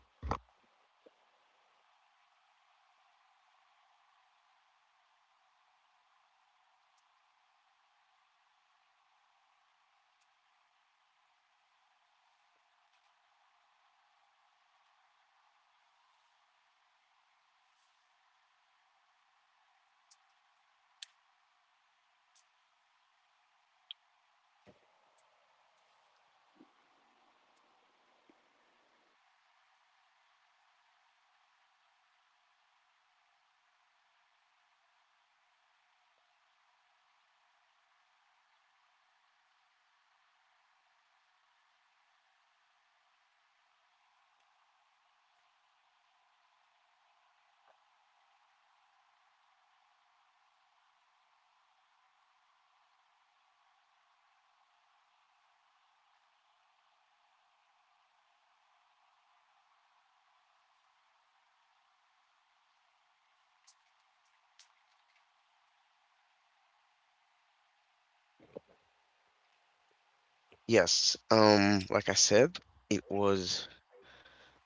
Speaker 1: Yes. Um, like I said, it was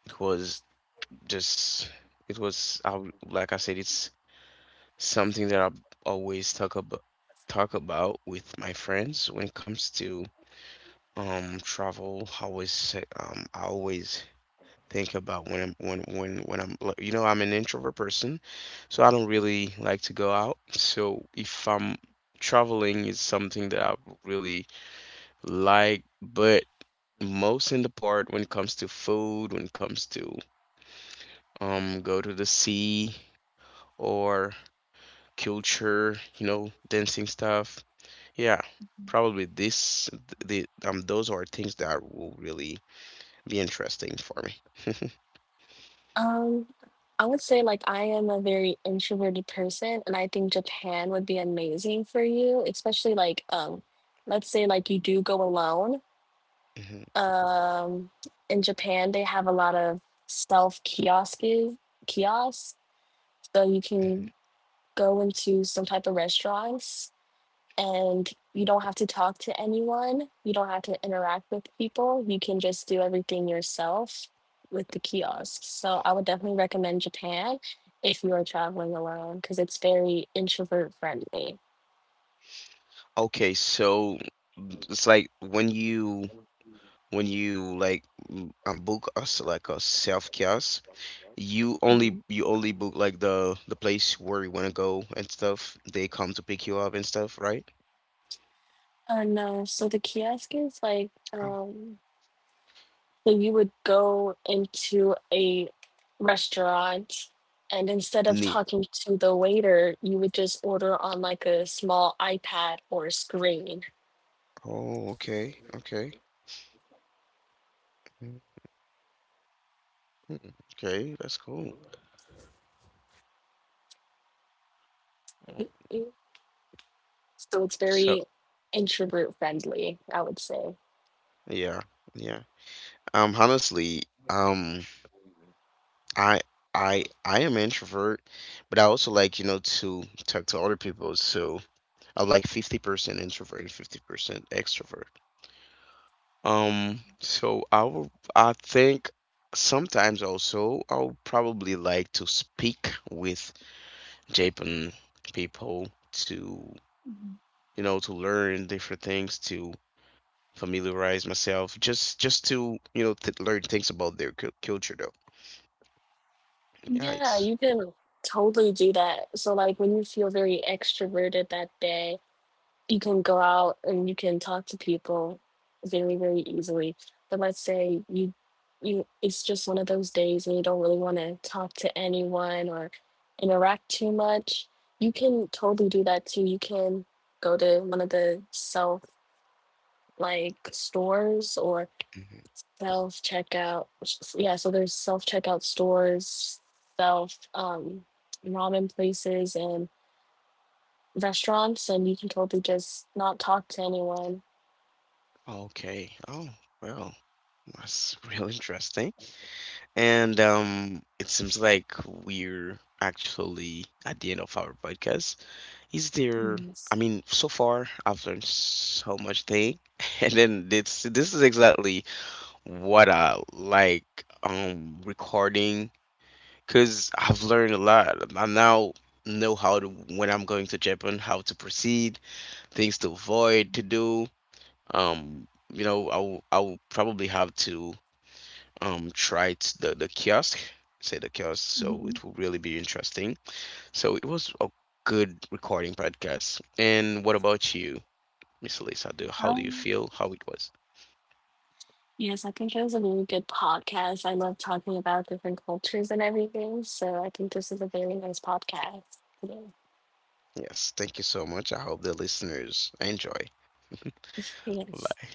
Speaker 1: it was just it was I, w- like I said, it's something that I always talk about talk about with my friends when it comes to um travel. I always say um I always think about when i'm when when when I'm like, you know, I'm an introvert person, so I don't really like to go out. So if I'm traveling, is something that I really like, but most in the part when it comes to food, when it comes to um go to the sea or culture, you know, dancing stuff, yeah, probably this the um those are things that will really be interesting for me.
Speaker 2: Um, I would say like I am a very introverted person, and I think Japan would be amazing for you, especially like um, let's say like you do go alone.
Speaker 1: Mhm,
Speaker 2: Um, in Japan, they have a lot of self kiosks kiosks So you
Speaker 1: mhm.
Speaker 2: can go into some type of restaurants, and you don't have to talk to anyone. You don't have to interact with people. You can just do everything yourself with the kiosks. So I would definitely recommend Japan if you are traveling alone because it's very introvert friendly.
Speaker 1: Okay, so it's like when you when you like m- um, book us like a self kiosk, you only
Speaker 2: Mhm.
Speaker 1: you only book like the the place where you want to go and stuff. They come to pick you up and stuff, right?
Speaker 2: Uh, no, so the kiosk is like
Speaker 1: Oh.
Speaker 2: um So you would go into a restaurant, and instead of
Speaker 1: Neat.
Speaker 2: talking to the waiter, you would just order on like a small iPad or screen.
Speaker 1: Oh, okay, okay, mhm, mhm, okay. That's cool. Mm.
Speaker 2: So it's
Speaker 1: So
Speaker 2: very introvert friendly, I would say.
Speaker 1: yeah, yeah. Um, honestly, um. I I I am an introvert, but I also like, you know, to talk to other people. So I'm like fifty percent introvert and fifty percent extrovert. Um, so I will, I think sometimes also I'll probably like to speak with Japan people to,
Speaker 2: Mhm.
Speaker 1: you know, to learn different things, to familiarize myself, just just to, you know, th learn things about their cul culture though. Yeah,
Speaker 2: Yeah,
Speaker 1: it's
Speaker 2: you can totally do that. So like when you feel very extroverted that day, you can go out and you can talk to people very, very easily. But let's say you you it's just one of those days and you don't really want to talk to anyone or interact too much. You can totally do that too. You can go to one of the self like stores or
Speaker 1: Mm-hmm.
Speaker 2: self checkout. Yeah, so there's self checkout stores, self um ramen places and restaurants, and you can totally just not talk to anyone.
Speaker 1: Okay. Oh, well, that's real interesting. And um, It seems like we're actually at the end of our podcast. Is there, I
Speaker 2: Yes.
Speaker 1: mean, so far I've learned so much thing, and then this this is exactly what I like um recording, because I've learned a lot. I now know how to when I'm going to Japan, how to proceed, things to avoid, to do. Um, you know, I'll I'll probably have to um try it, the the kiosk, say the kiosk, so
Speaker 2: Hmm.
Speaker 1: it will really be interesting. So it was a good recording podcast. And what about you, Miss Lisa? Do how do you
Speaker 2: Um,
Speaker 1: feel? How it was?
Speaker 2: yes, I think it was a really good podcast. I love talking about different cultures and everything. So I think this is a very nice podcast today.
Speaker 1: Yes, thank you so much. I hope the listeners enjoy.
Speaker 2: Yes.
Speaker 1: Bye.